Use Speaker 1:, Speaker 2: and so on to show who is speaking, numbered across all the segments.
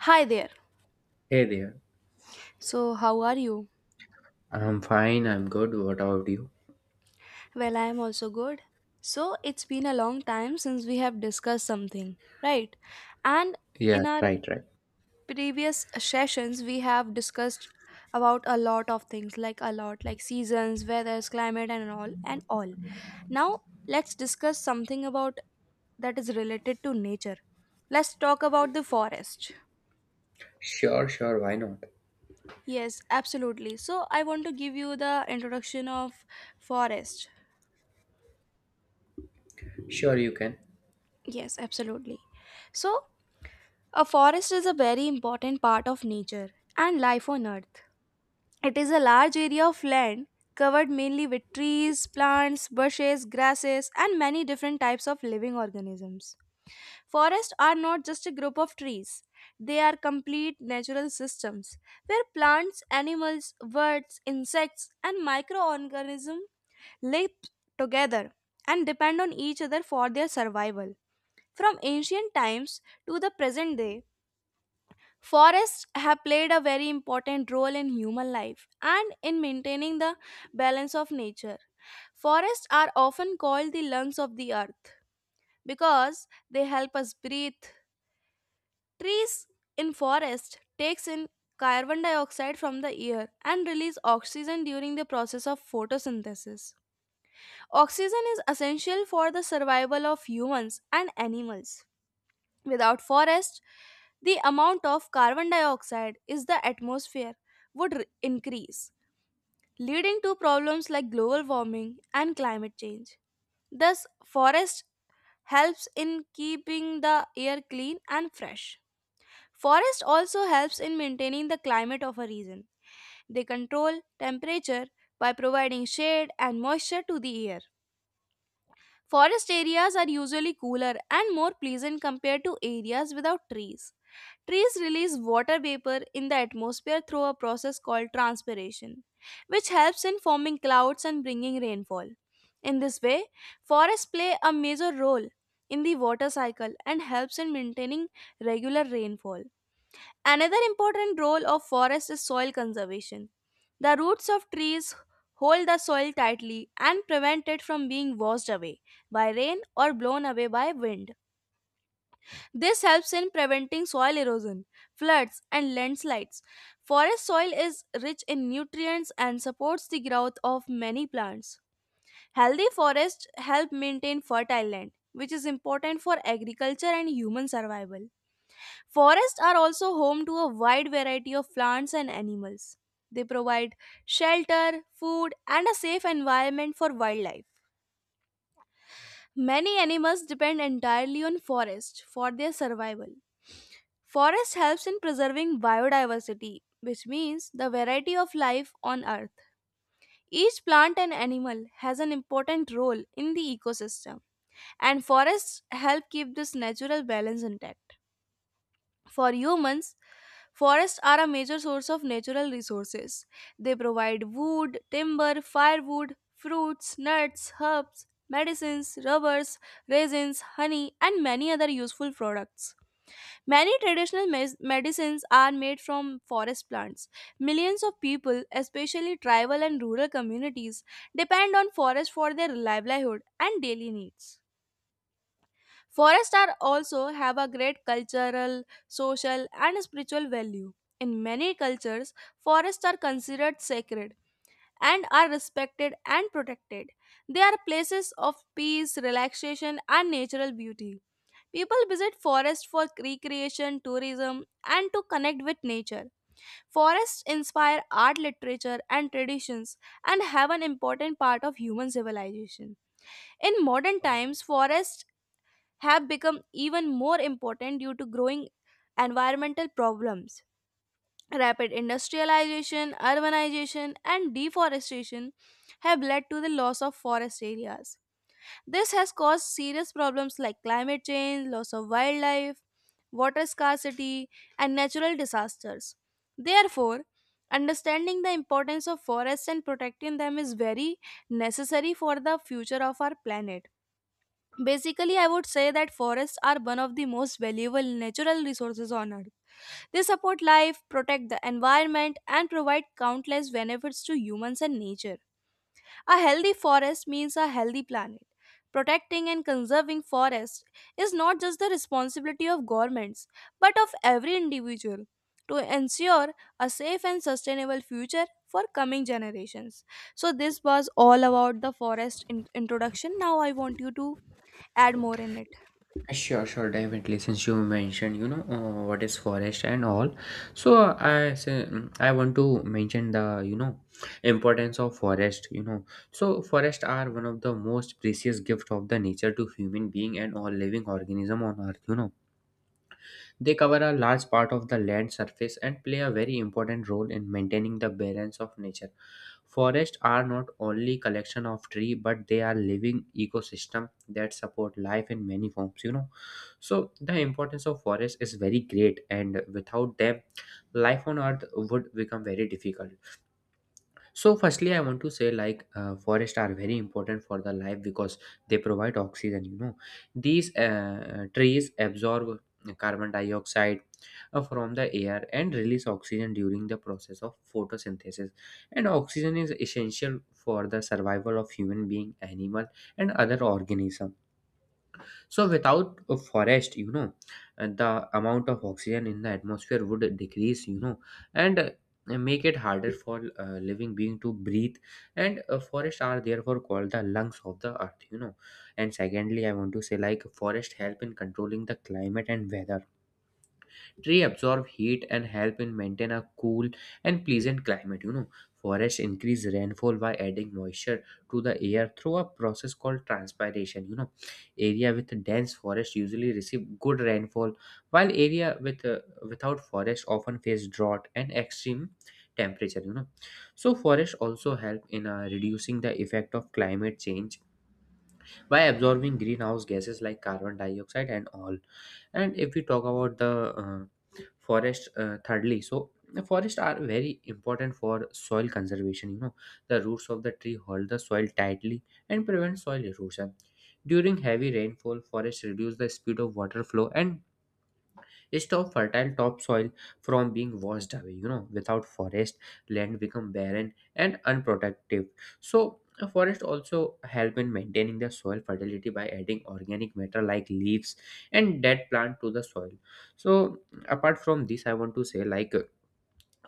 Speaker 1: Hi there.
Speaker 2: Hey there.
Speaker 1: So, how are you?
Speaker 2: I'm fine, I'm good. What about you?
Speaker 1: Well, I am also good. So, it's been a long time since we have discussed something, right? And
Speaker 2: Yeah,
Speaker 1: in our
Speaker 2: right, right.
Speaker 1: previous sessions, we have discussed about a lot of things, like seasons, weathers, climate, and all. Now, let's discuss something about that is related to nature. Let's talk about the forest.
Speaker 2: Sure, sure, why not?
Speaker 1: Yes, absolutely. So, I want to give you the introduction of forest.
Speaker 2: Sure, you can.
Speaker 1: Yes, absolutely. So, a forest is a very important part of nature and life on earth. It is a large area of land covered mainly with trees, plants, bushes, grasses, and many different types of living organisms. Forests are not just a group of trees, they are complete natural systems where plants, animals, birds, insects, and microorganisms live together and depend on each other for their survival. From ancient times to the present day, forests have played a very important role in human life and in maintaining the balance of nature. Forests are often called the lungs of the earth because they help us breathe. Trees in forest takes in carbon dioxide from the air and release oxygen during the process of photosynthesis. Oxygen is essential for the survival of humans and animals. Without forests, the amount of carbon dioxide is the atmosphere would increase, leading to problems like global warming and climate change. Thus, forest helps in keeping the air clean and fresh. Forest also helps in maintaining the climate of a region. They control temperature by providing shade and moisture to the air. Forest areas are usually cooler and more pleasant compared to areas without trees. Trees release water vapor in the atmosphere through a process called transpiration, which helps in forming clouds and bringing rainfall. In this way, forests play a major role in the water cycle and helps in maintaining regular rainfall. Another important role of forest is soil conservation. The roots of trees hold the soil tightly and prevent it from being washed away by rain or blown away by wind. This helps in preventing soil erosion, floods, and landslides. Forest soil is rich in nutrients and supports the growth of many plants. Healthy forests help maintain fertile land, which is important for agriculture and human survival. Forests are also home to a wide variety of plants and animals. They provide shelter, food, and a safe environment for wildlife. Many animals depend entirely on forests for their survival. Forest helps in preserving biodiversity, which means the variety of life on earth. Each plant and animal has an important role in the ecosystem, and forests help keep this natural balance intact. For humans, forests are a major source of natural resources. They provide wood, timber, firewood, fruits, nuts, herbs, medicines, rubbers, raisins, honey, and many other useful products. Many traditional medicines are made from forest plants. Millions of people, especially tribal and rural communities, depend on forests for their livelihood and daily needs. Forests are also have a great cultural, social, and spiritual value. In many cultures, forests are considered sacred and are respected and protected. They are places of peace, relaxation, and natural beauty. People visit forests for recreation, tourism, and to connect with nature. Forests inspire art, literature, and traditions and have an important part of human civilization. In modern times, forests have become even more important due to growing environmental problems. Rapid industrialization, urbanization, and deforestation have led to the loss of forest areas. This has caused serious problems like climate change, loss of wildlife, water scarcity, and natural disasters. Therefore, understanding the importance of forests and protecting them is very necessary for the future of our planet. Basically, I would say that forests are one of the most valuable natural resources on earth. They support life, protect the environment, and provide countless benefits to humans and nature. A healthy forest means a healthy planet. Protecting and conserving forests is not just the responsibility of governments, but of every individual to ensure a safe and sustainable future for coming generations. So, this was all about the forest introduction. Now, I want you to add more in it.
Speaker 2: Sure, sure, definitely. Since you mentioned, what is forest and all, so I say, I want to mention the importance of forest. You know, so forests are one of the most precious gift of the nature to human being and all living organism on earth. You know, they cover a large part of the land surface and play a very important role in maintaining the balance of nature. Forests are not only collection of tree but they are living ecosystem that support life in many forms, you know. So the importance of forest is very great and without them life on earth would become very difficult. So, firstly, I want to say like forests are very important for the life because they provide oxygen. You know, these trees absorb carbon dioxide from the air and release oxygen during the process of photosynthesis. And oxygen is essential for the survival of human being, animal, and other organisms, so without a forest, you know, and the amount of oxygen in the atmosphere would decrease, you know, and make it harder for living being to breathe, and forests are therefore called the lungs of the earth, you know. And secondly, I want to say like forest help in controlling the climate and weather. Tree absorb heat and help in maintain a cool and pleasant climate. You know, forests increase rainfall by adding moisture to the air through a process called transpiration. You know, area with dense forest usually receive good rainfall, while area with without forest often face drought and extreme temperature. You know, so forests also help in reducing the effect of climate change by absorbing greenhouse gases like carbon dioxide and all. And if we talk about the uh, forest, thirdly, so the forests are very important for soil conservation, you know, the roots of the tree hold the soil tightly and prevent soil erosion. During heavy rainfall, forests reduce the speed of water flow and stop fertile topsoil from being washed away, you know. Without forest, land become barren and unproductive. So a forest also help in maintaining the soil fertility by adding organic matter like leaves and dead plant to the soil. So apart from this, I want to say like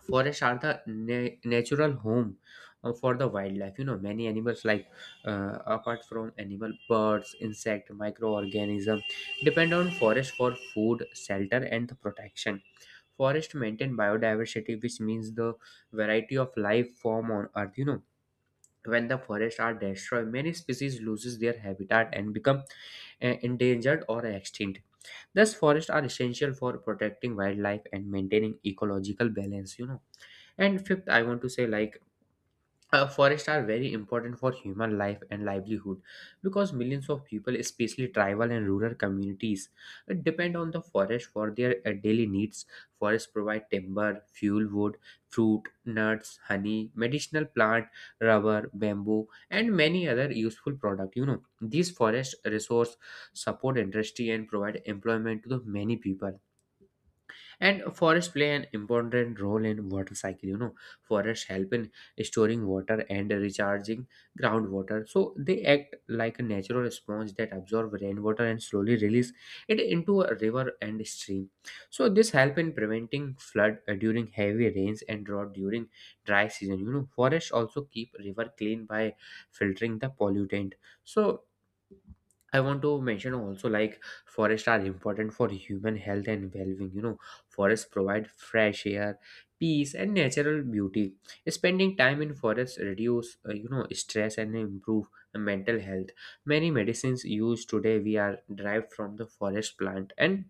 Speaker 2: forests are the natural home for the wildlife, you know, many animals apart from animal, birds, insect, microorganism depend on forest for food, shelter, and the protection. Forest maintain biodiversity, which means the variety of life form on earth, you know. When the forests are destroyed, many species loses their habitat and become endangered or extinct. Thus forests are essential for protecting wildlife and maintaining ecological balance, you know. And fifth, I want to say like forests are very important for human life and livelihood because millions of people, especially tribal and rural communities, depend on the forest for their daily needs. Forests provide timber, fuel, wood, fruit, nuts, honey, medicinal plant, rubber, bamboo, and many other useful products. You know, these forest resource support industry and provide employment to the many people. And forests play an important role in water cycle, you know, forests help in storing water and recharging groundwater, so they act like a natural sponge that absorb rainwater and slowly release it into a river and stream. So this help in preventing flood during heavy rains and drought during dry season, you know. Forests also keep river clean by filtering the pollutant. So I want to mention also like forests are important for human health and well-being. You know, forests provide fresh air, peace, and natural beauty. Spending time in forests reduce, stress and improve mental health. Many medicines used today we are derived from the forest plant, and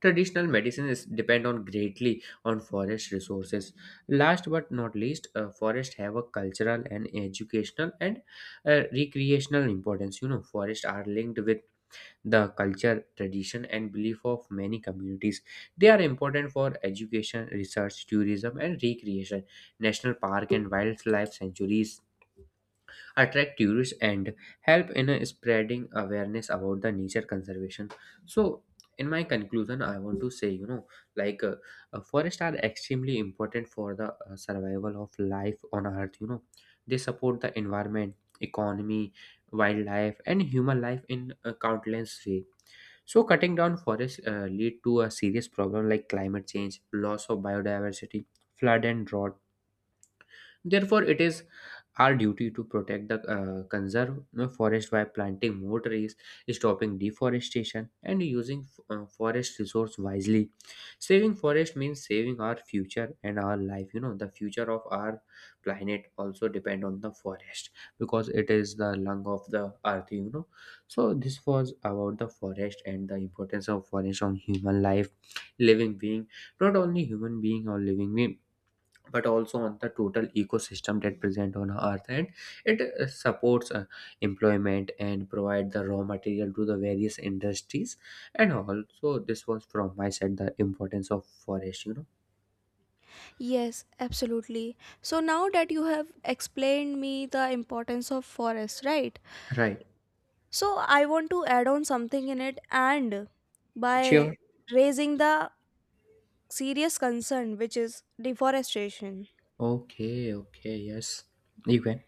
Speaker 2: traditional medicines depend on greatly on forest resources. Last but not least, forests have a cultural and educational and recreational importance. You know, forests are linked with the culture, tradition, and belief of many communities. They are important for education, research, tourism, and recreation. National park and wildlife sanctuaries attract tourists and help in spreading awareness about the nature conservation. So, in my conclusion, I want to say, you know, like uh, forests are extremely important for the survival of life on Earth. You know, they support the environment, economy, wildlife, and human life in countless way. So, cutting down forests lead to a serious problem like climate change, loss of biodiversity, flood and drought. Therefore, it is our duty to protect the conserve forest by planting more trees, stopping deforestation, and using forest resource wisely. Saving forest means saving our future and our life. You know, the future of our planet also depend on the forest because it is the lung of the earth. You know, so this was about the forest and the importance of forest on human life, living being, not only human being or living being but also on the total ecosystem that present on earth and it supports employment and provide the raw material to the various industries. And also, this was from my side, the importance of forest, you know.
Speaker 1: Yes, absolutely. So now that you have explained me the importance of forest, right?
Speaker 2: Right.
Speaker 1: So I want to add on something in it and
Speaker 2: Sure.
Speaker 1: by raising the serious concern which is deforestation.
Speaker 2: Okay, okay, yes, you can.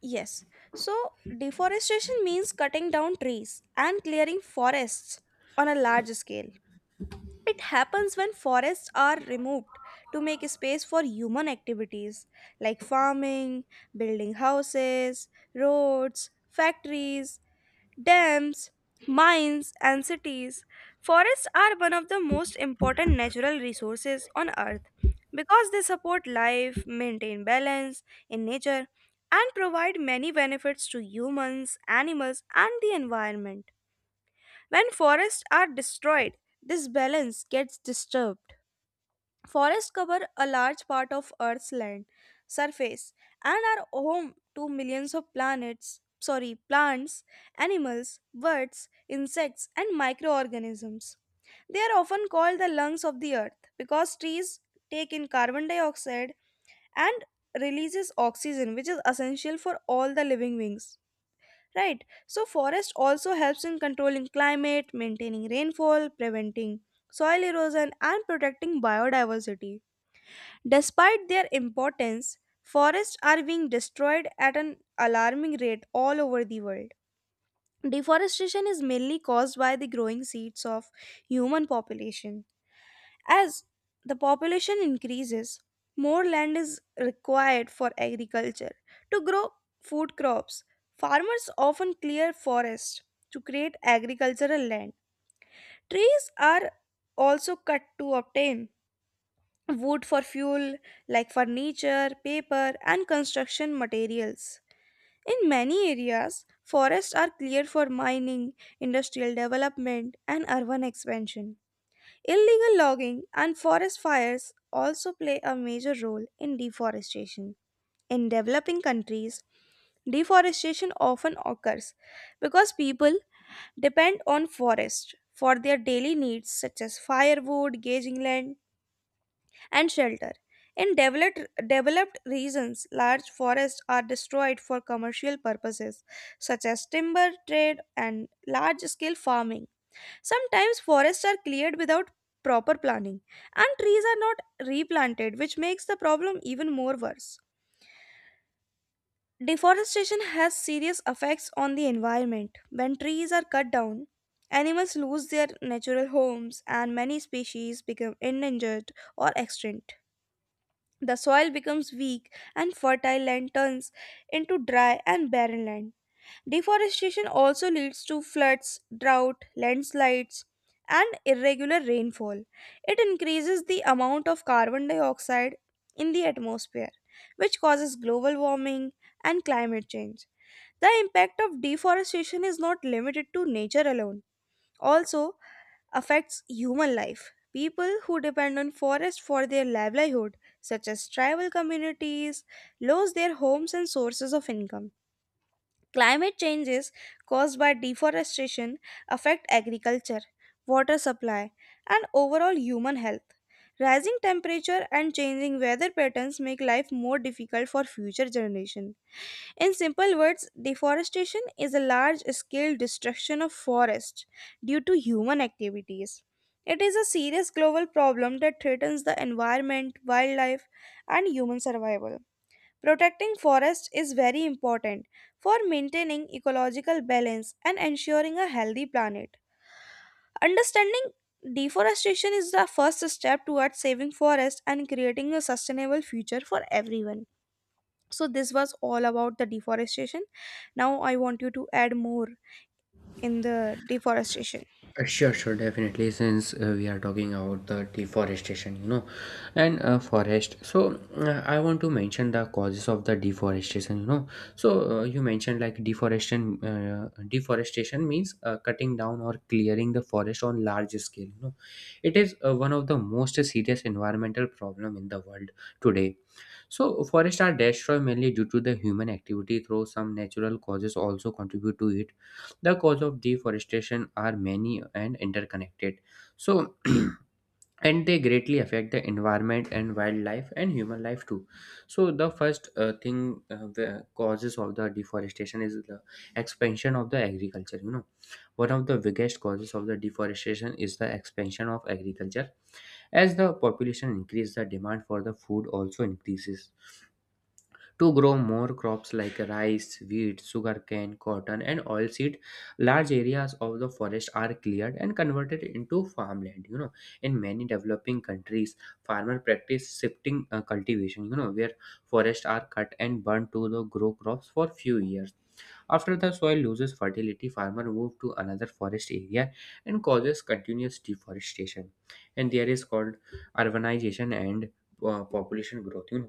Speaker 1: Yes. So deforestation means cutting down trees and clearing forests on a large scale. It happens when forests are removed to make space for human activities like farming, building houses, roads, factories, dams, mines, and cities. Forests are one of the most important natural resources on earth because they support life, maintain balance in nature, and provide many benefits to humans, animals, and the environment. When forests are destroyed, this balance gets disturbed. Forests cover a large part of Earth's land surface and are home to millions of planets, sorry, plants, animals, birds, insects, and microorganisms. They are often called the lungs of the earth because trees take in carbon dioxide and releases oxygen which is essential for all the living beings, right? So forest also helps in controlling climate, maintaining rainfall, preventing soil erosion, and protecting biodiversity. Despite their importance, forests are being destroyed at an alarming rate all over the world. Deforestation is mainly caused by the growing seeds of human population. As the population increases, more land is required for agriculture to grow food crops. Farmers often clear forests to create agricultural land. Trees are also cut to obtain wood for fuel, like furniture, paper, and construction materials. In many areas, forests are cleared for mining, industrial development, and urban expansion. Illegal logging and forest fires also play a major role in deforestation. In developing countries, deforestation often occurs because people depend on forests for their daily needs such as firewood, gauging land, and shelter. In developed regions, large forests are destroyed for commercial purposes, such as timber trade and large scale farming. Sometimes forests are cleared without proper planning, and trees are not replanted, which makes the problem even more worse. Deforestation has serious effects on the environment. When trees are cut down, animals lose their natural homes and many species become endangered or extinct. The soil becomes weak and fertile land turns into dry and barren land. Deforestation also leads to floods, drought, landslides, and irregular rainfall. It increases the amount of carbon dioxide in the atmosphere, which causes global warming and climate change. The impact of deforestation is not limited to nature alone. Also, affects human life. People who depend on forest for their livelihood, such as tribal communities, lose their homes and sources of income. Climate changes caused by deforestation affect agriculture, water supply, and overall human health. Rising temperature and changing weather patterns make life more difficult for future generations. In simple words, deforestation is a large scale destruction of forests due to human activities. It is a serious global problem that threatens the environment, wildlife, and human survival. Protecting forests is very important for maintaining ecological balance and ensuring a healthy planet. Understanding deforestation is the first step towards saving forests and creating a sustainable future for everyone. So this was all about the deforestation. Now I want you to add more in the deforestation.
Speaker 2: Sure, sure, definitely. Since we are talking about the deforestation, you know, and forest, so I want to mention the causes of the deforestation. You know, so you mentioned like deforestation. Deforestation means cutting down or clearing the forest on large scale. You know, it is one of the most serious environmental problem in the world today. So forests are destroyed mainly due to the human activity, though some natural causes also contribute to it. The cause of deforestation are many and interconnected. So and they greatly affect the environment and wildlife and human life too. So the first thing the causes of the deforestation is the expansion of the agriculture. You know, one of the biggest causes of the deforestation is the expansion of agriculture. As the population increases, the demand for the food also increases to grow more crops like rice, wheat, sugarcane, cotton, and oilseed. Large areas of the forest are cleared and converted into farmland. You know, in many developing countries, farmer practice shifting cultivation. You know, where forests are cut and burned to the grow crops for few years. After the soil loses fertility, farmer move to another forest area and causes continuous deforestation. And there is called urbanization and population growth. You know,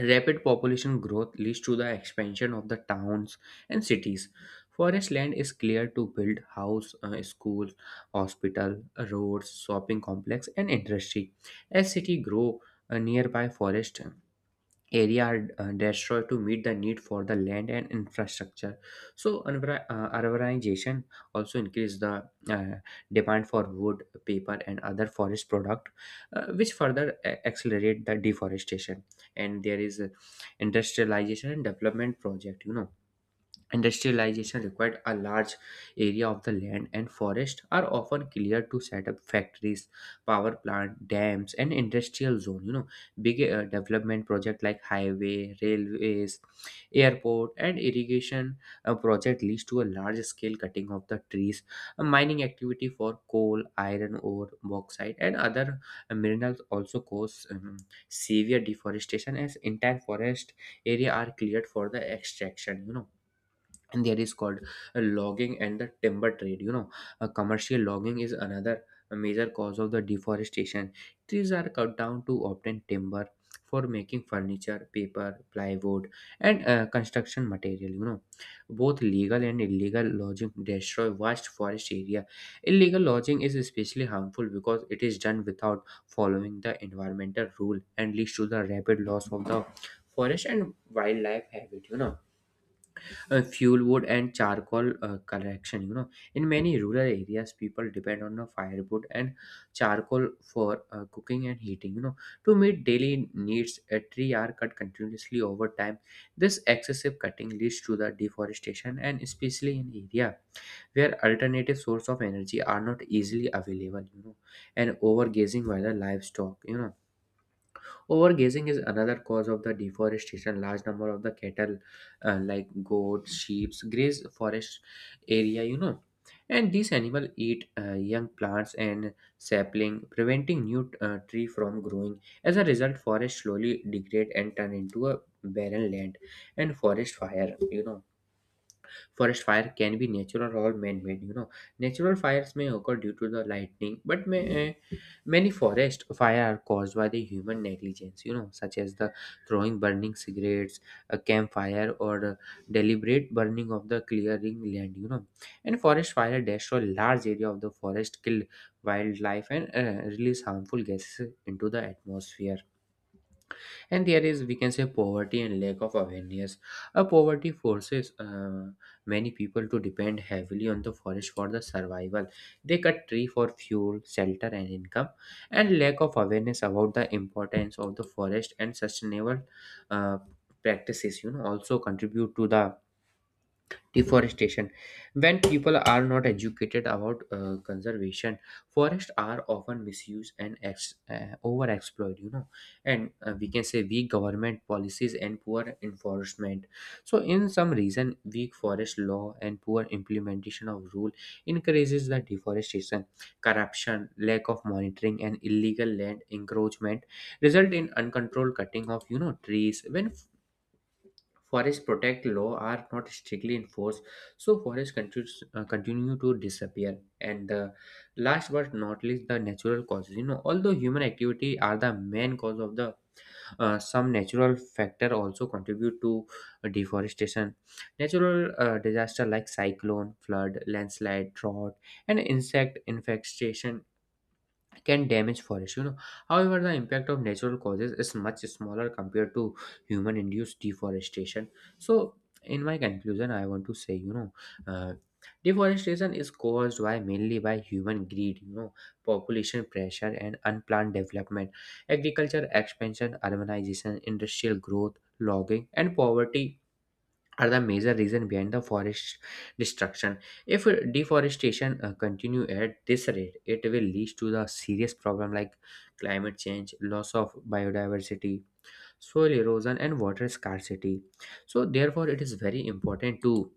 Speaker 2: rapid population growth leads to the expansion of the towns and cities. Forest land is cleared to build house, schools, hospital, roads, shopping complex, and industry. As city grow, nearby forest area are destroyed to meet the need for the land and infrastructure. So urbanization also increase the demand for wood, paper, and other forest product, which further accelerate the deforestation. And there is industrialization and development project, you know. Industrialization required a large area of the land, and forests are often cleared to set up factories, power plant, dams, and industrial zone. You know, big development project like highway, railways, airport, and irrigation project leads to a large scale cutting of the trees. A mining activity for coal, iron ore, bauxite, and other minerals also cause severe deforestation as entire forest area are cleared for the extraction. You know, and there is called logging and the timber trade, you know. Commercial logging is another major cause of the deforestation. Trees are cut down to obtain timber for making furniture, paper, plywood, and construction material, you know. Both legal and illegal logging destroy vast forest area. Illegal logging is especially harmful because it is done without following the environmental rule and leads to the rapid loss of the forest and wildlife habit, you know. Fuel wood and charcoal collection, you know, in many rural areas people depend on the firewood and charcoal for cooking and heating, you know. To meet daily needs, a tree are cut continuously over time. This excessive cutting leads to the deforestation, and especially in area where alternative source of energy are not easily available, you know. And overgazing by the livestock, you know. Overgrazing is another cause of the deforestation. Large number of the cattle, like goats, sheep, graze forest area, you know, and these animals eat young plants and sapling, preventing new tree from growing. As a result, forest slowly degrade and turn into a barren land. And forest fire, you know. Forest fire can be natural or man-made. You know, natural fires may occur due to the lightning, but uh, many forest fire are caused by the human negligence, You know, such as the throwing burning cigarettes, a campfire, or deliberate burning of the clearing land. You know, and forest fire destroy large area of the forest, kill wildlife, and release harmful gases into the atmosphere. And there is, we can say, poverty and lack of awareness. A poverty forces many people to depend heavily on the forest for the survival. They cut tree for fuel, shelter, and income. And lack of awareness about the importance of the forest and sustainable uh, practices, you know, also contribute to the deforestation. When people are not educated about conservation, forests are often misused and overexploited, you know. And we can say weak government policies and poor enforcement. So in some reason, weak forest law and poor implementation of rule increases the deforestation. Corruption, lack of monitoring, and illegal land encroachment result in uncontrolled cutting of, you know, trees. When forest protect law are not strictly enforced, so forest continue to disappear. And the last but not least, the natural causes, you know, although human activity are the main cause of the some natural factor also contribute to deforestation. Natural disaster like cyclone, flood, landslide, drought, and insect infestation can damage forests, you know. However, the impact of natural causes is much smaller compared to human induced deforestation. So in my conclusion, I want to say, you know, uh, deforestation is caused by mainly by human greed, you know. Population pressure and unplanned development, agriculture expansion, urbanization, industrial growth, logging, and poverty are the major reason behind the forest destruction. If deforestation continue at this rate, it will lead to the serious problem like climate change, loss of biodiversity, soil erosion, and water scarcity. So therefore, it is very important to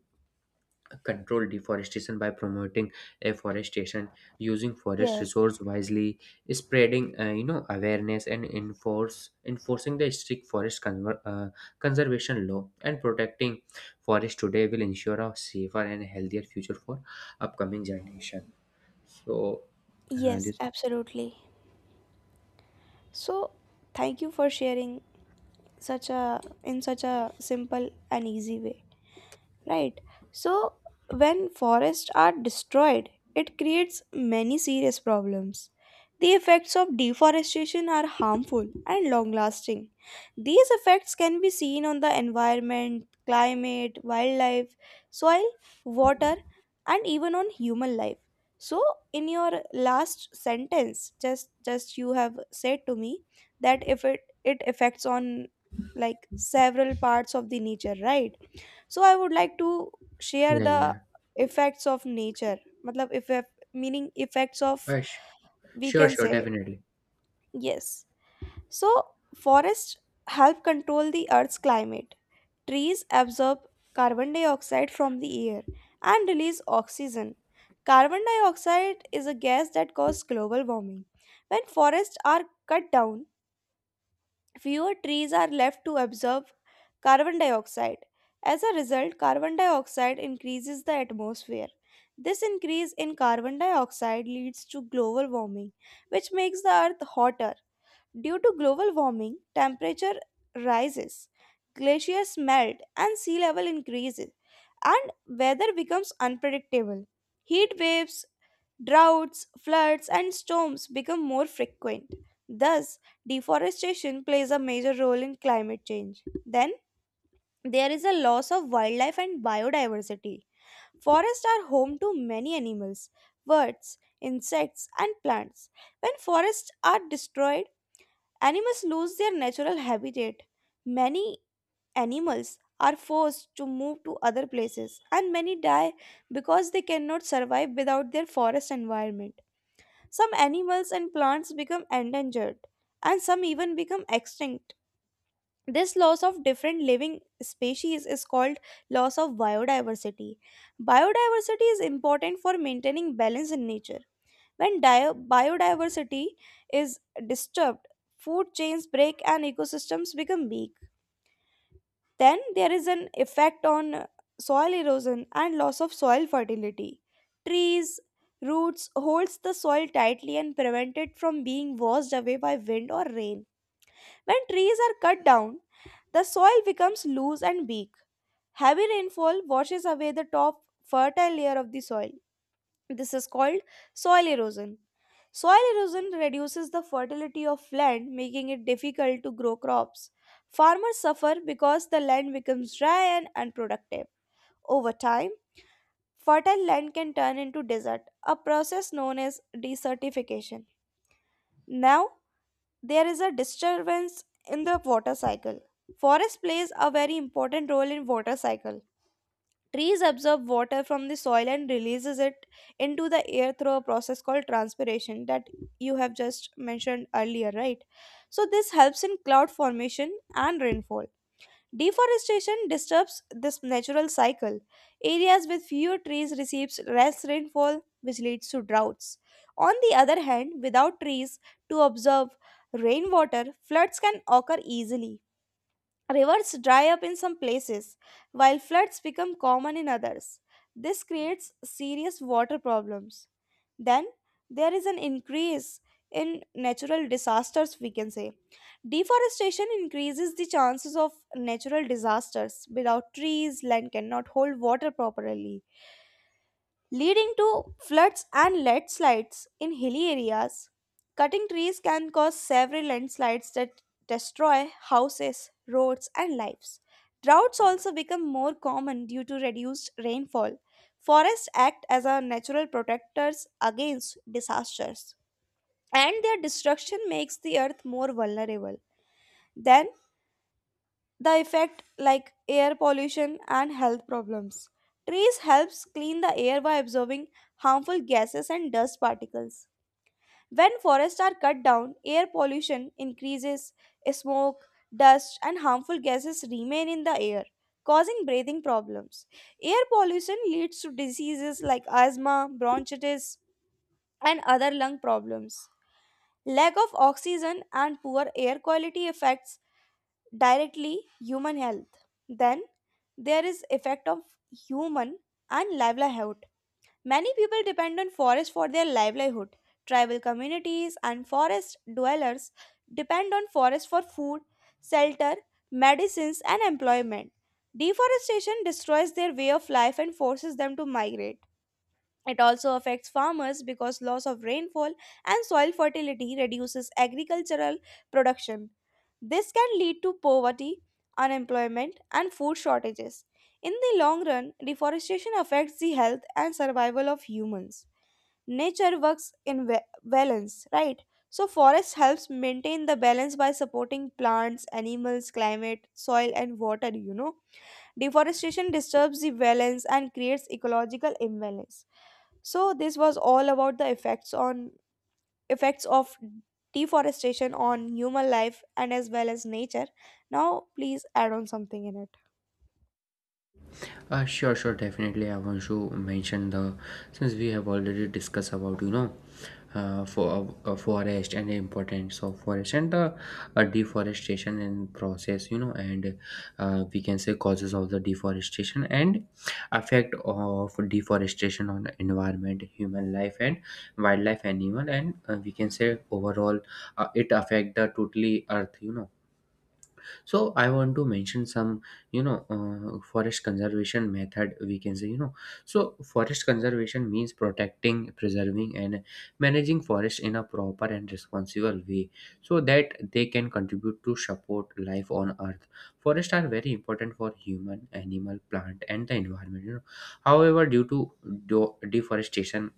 Speaker 2: control deforestation by promoting afforestation, using forest
Speaker 1: Yes,
Speaker 2: resource wisely, spreading you know, awareness, and enforce enforcing the strict forest conservation law. And protecting forest today will ensure a safer and healthier future for upcoming generation. So
Speaker 1: yes,
Speaker 2: this
Speaker 1: absolutely. So thank you for sharing such a in such a simple and easy way, right? So when forests are destroyed, it creates many serious problems. The effects of deforestation are harmful and long lasting. These effects can be seen on the environment, climate, wildlife, soil, water, and even on human life. So in your last sentence, just you have said to me that if it affects on like several parts of the nature, right? So I would like to share
Speaker 2: yeah,
Speaker 1: the
Speaker 2: yeah.
Speaker 1: effects of nature, matlab effect, meaning effects of,
Speaker 2: Uh, sh-
Speaker 1: we
Speaker 2: sure,
Speaker 1: can
Speaker 2: sure,
Speaker 1: say.
Speaker 2: definitely.
Speaker 1: Yes. So forests help control the earth's climate. Trees absorb carbon dioxide from the air and release oxygen. Carbon dioxide is a gas that causes global warming. When forests are cut down, fewer trees are left to absorb carbon dioxide. As a result, carbon dioxide increases the atmosphere. This increase in carbon dioxide leads to global warming, which makes the earth hotter. Due to global warming, temperature rises, glaciers melt, and sea level increases, and weather becomes unpredictable. Heat waves, droughts, floods, and storms become more frequent. Thus, deforestation plays a major role in climate change. Then, there is a loss of wildlife and biodiversity. Forests are home to many animals, birds, insects, and plants. When forests are destroyed, animals lose their natural habitat. Many animals are forced to move to other places, and many die because they cannot survive without their forest environment. Some animals and plants become endangered, and some even become extinct. This loss of different living species is called loss of biodiversity. Biodiversity is important for maintaining balance in nature. When biodiversity is disturbed, food chains break and ecosystems become weak. Then there is an effect on soil erosion and loss of soil fertility. Trees, roots holds the soil tightly and prevent it from being washed away by wind or rain. When trees are cut down, the soil becomes loose and weak. Heavy rainfall washes away the top fertile layer of the soil. This is called soil erosion. Soil erosion reduces the fertility of land, making it difficult to grow crops. Farmers suffer because the land becomes dry and unproductive. Over time, fertile land can turn into desert, a process known as desertification. Now, there is a disturbance in the water cycle. Forest plays a very important role in water cycle. Trees absorb water from the soil and releases it into the air through a process called transpiration that you have just mentioned earlier, right? So this helps in cloud formation and rainfall. Deforestation disturbs this natural cycle. Areas with fewer trees receives less rainfall which leads to droughts. On the other hand, without trees to absorb rainwater, floods can occur easily. Rivers dry up in some places, while floods become common in others. This creates serious water problems. Then there is an increase in natural disasters, we can say. Deforestation increases the chances of natural disasters. Without trees, land cannot hold water properly, leading to floods and landslides in hilly areas. Cutting trees can cause severe landslides that destroy houses, roads, and lives. Droughts also become more common due to reduced rainfall. Forests act as our natural protectors against disasters, and their destruction makes the earth more vulnerable. Then, the effect like air pollution and health problems. Trees helps clean the air by absorbing harmful gases and dust particles. When forests are cut down, air pollution increases. Smoke, dust, and harmful gases remain in the air, causing breathing problems. Air pollution leads to diseases like asthma, bronchitis, and other lung problems. Lack of oxygen and poor air quality affects directly human health. Then there is effect of human and livelihood. Many people depend on forest for their livelihood. Tribal communities and forest dwellers depend on forest for food, shelter, medicines, and employment. Deforestation destroys their way of life and forces them to migrate. It also affects farmers because loss of rainfall and soil fertility reduces agricultural production. This can lead to poverty, unemployment, and food shortages. In the long run, deforestation affects the health and survival of humans. Nature works in balance, right? So, forest helps maintain the balance by supporting plants, animals, climate, soil, and water. Deforestation disturbs the balance and creates ecological imbalance. So this was all about the effects on effects of deforestation on human life and as well as nature. Now please add on something in it.
Speaker 2: I want to mention the, since we have already discussed about, you know, forest and the importance of forest and the deforestation and process, you know, and we can say causes of the deforestation and effect of deforestation on the environment, human life, and wildlife, animal, and we can say overall it affect the totally earth, you know. So I want to mention some, you know, forest conservation method, we can say, you know. So forest conservation means protecting, preserving, and managing forest in a proper and responsible way so that they can contribute to support life on earth. Forests are very important for human, animal, plant, and the environment, you know. However, due to deforestation,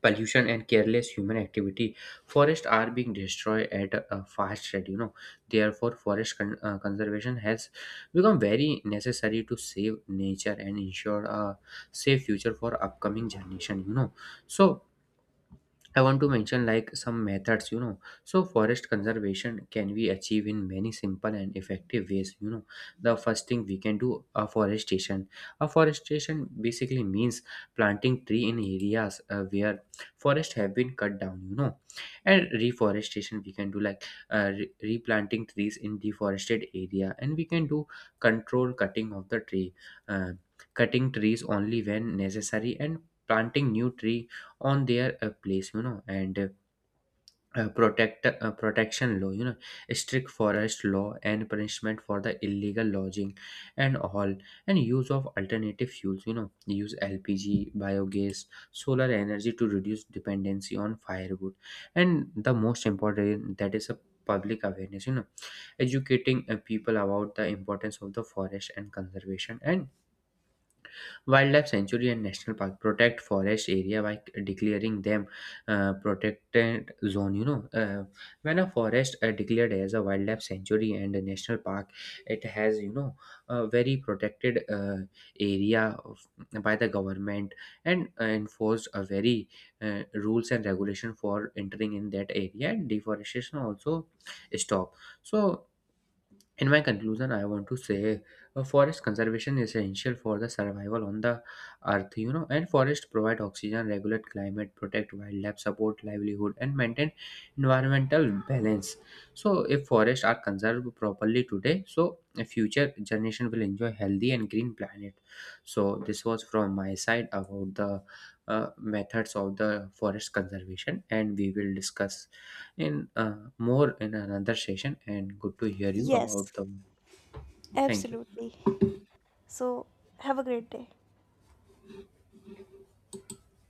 Speaker 2: pollution, and careless human activity, forests are being destroyed at a fast rate, you know. Therefore, forest conservation has become very necessary to save nature and ensure a safe future for upcoming generation, you know. So I want to mention like some methods, you know. So forest conservation can be achieved in many simple and effective ways, you know. The first thing we can do, afforestation. Afforestation basically means planting tree in areas where forest have been cut down, you know. And reforestation we can do like replanting trees in deforested area. And we can do control cutting of the tree. Uh, cutting trees only when necessary and planting new tree on their place, you know. And protection law, you know, strict forest law and punishment for the illegal lodging and all. And use of alternative fuels, you know, use LPG, biogas, solar energy to reduce dependency on firewood. And the most important, that is a public awareness, you know, educating people about the importance of the forest and conservation. And Wildlife Sanctuary and National Park protect forest area by declaring them protected zone. You know, when a forest declared as a wildlife sanctuary and a national park, it has, you know, a very protected area of, by the government, and enforced a very rules and regulation for entering in that area. And deforestation also stop. So in my conclusion, I want to say, forest conservation is essential for the survival on the earth, you know. And forests provide oxygen, regulate climate, protect wildlife, support livelihood, and maintain environmental balance. So, if forests are conserved properly today, so a future generation will enjoy healthy and green planet. So, this was from my side about the methods of the forest conservation. And we will discuss in more in another session, and good to hear you
Speaker 1: Yes,
Speaker 2: about the, thank you.
Speaker 1: absolutely. So have a great day.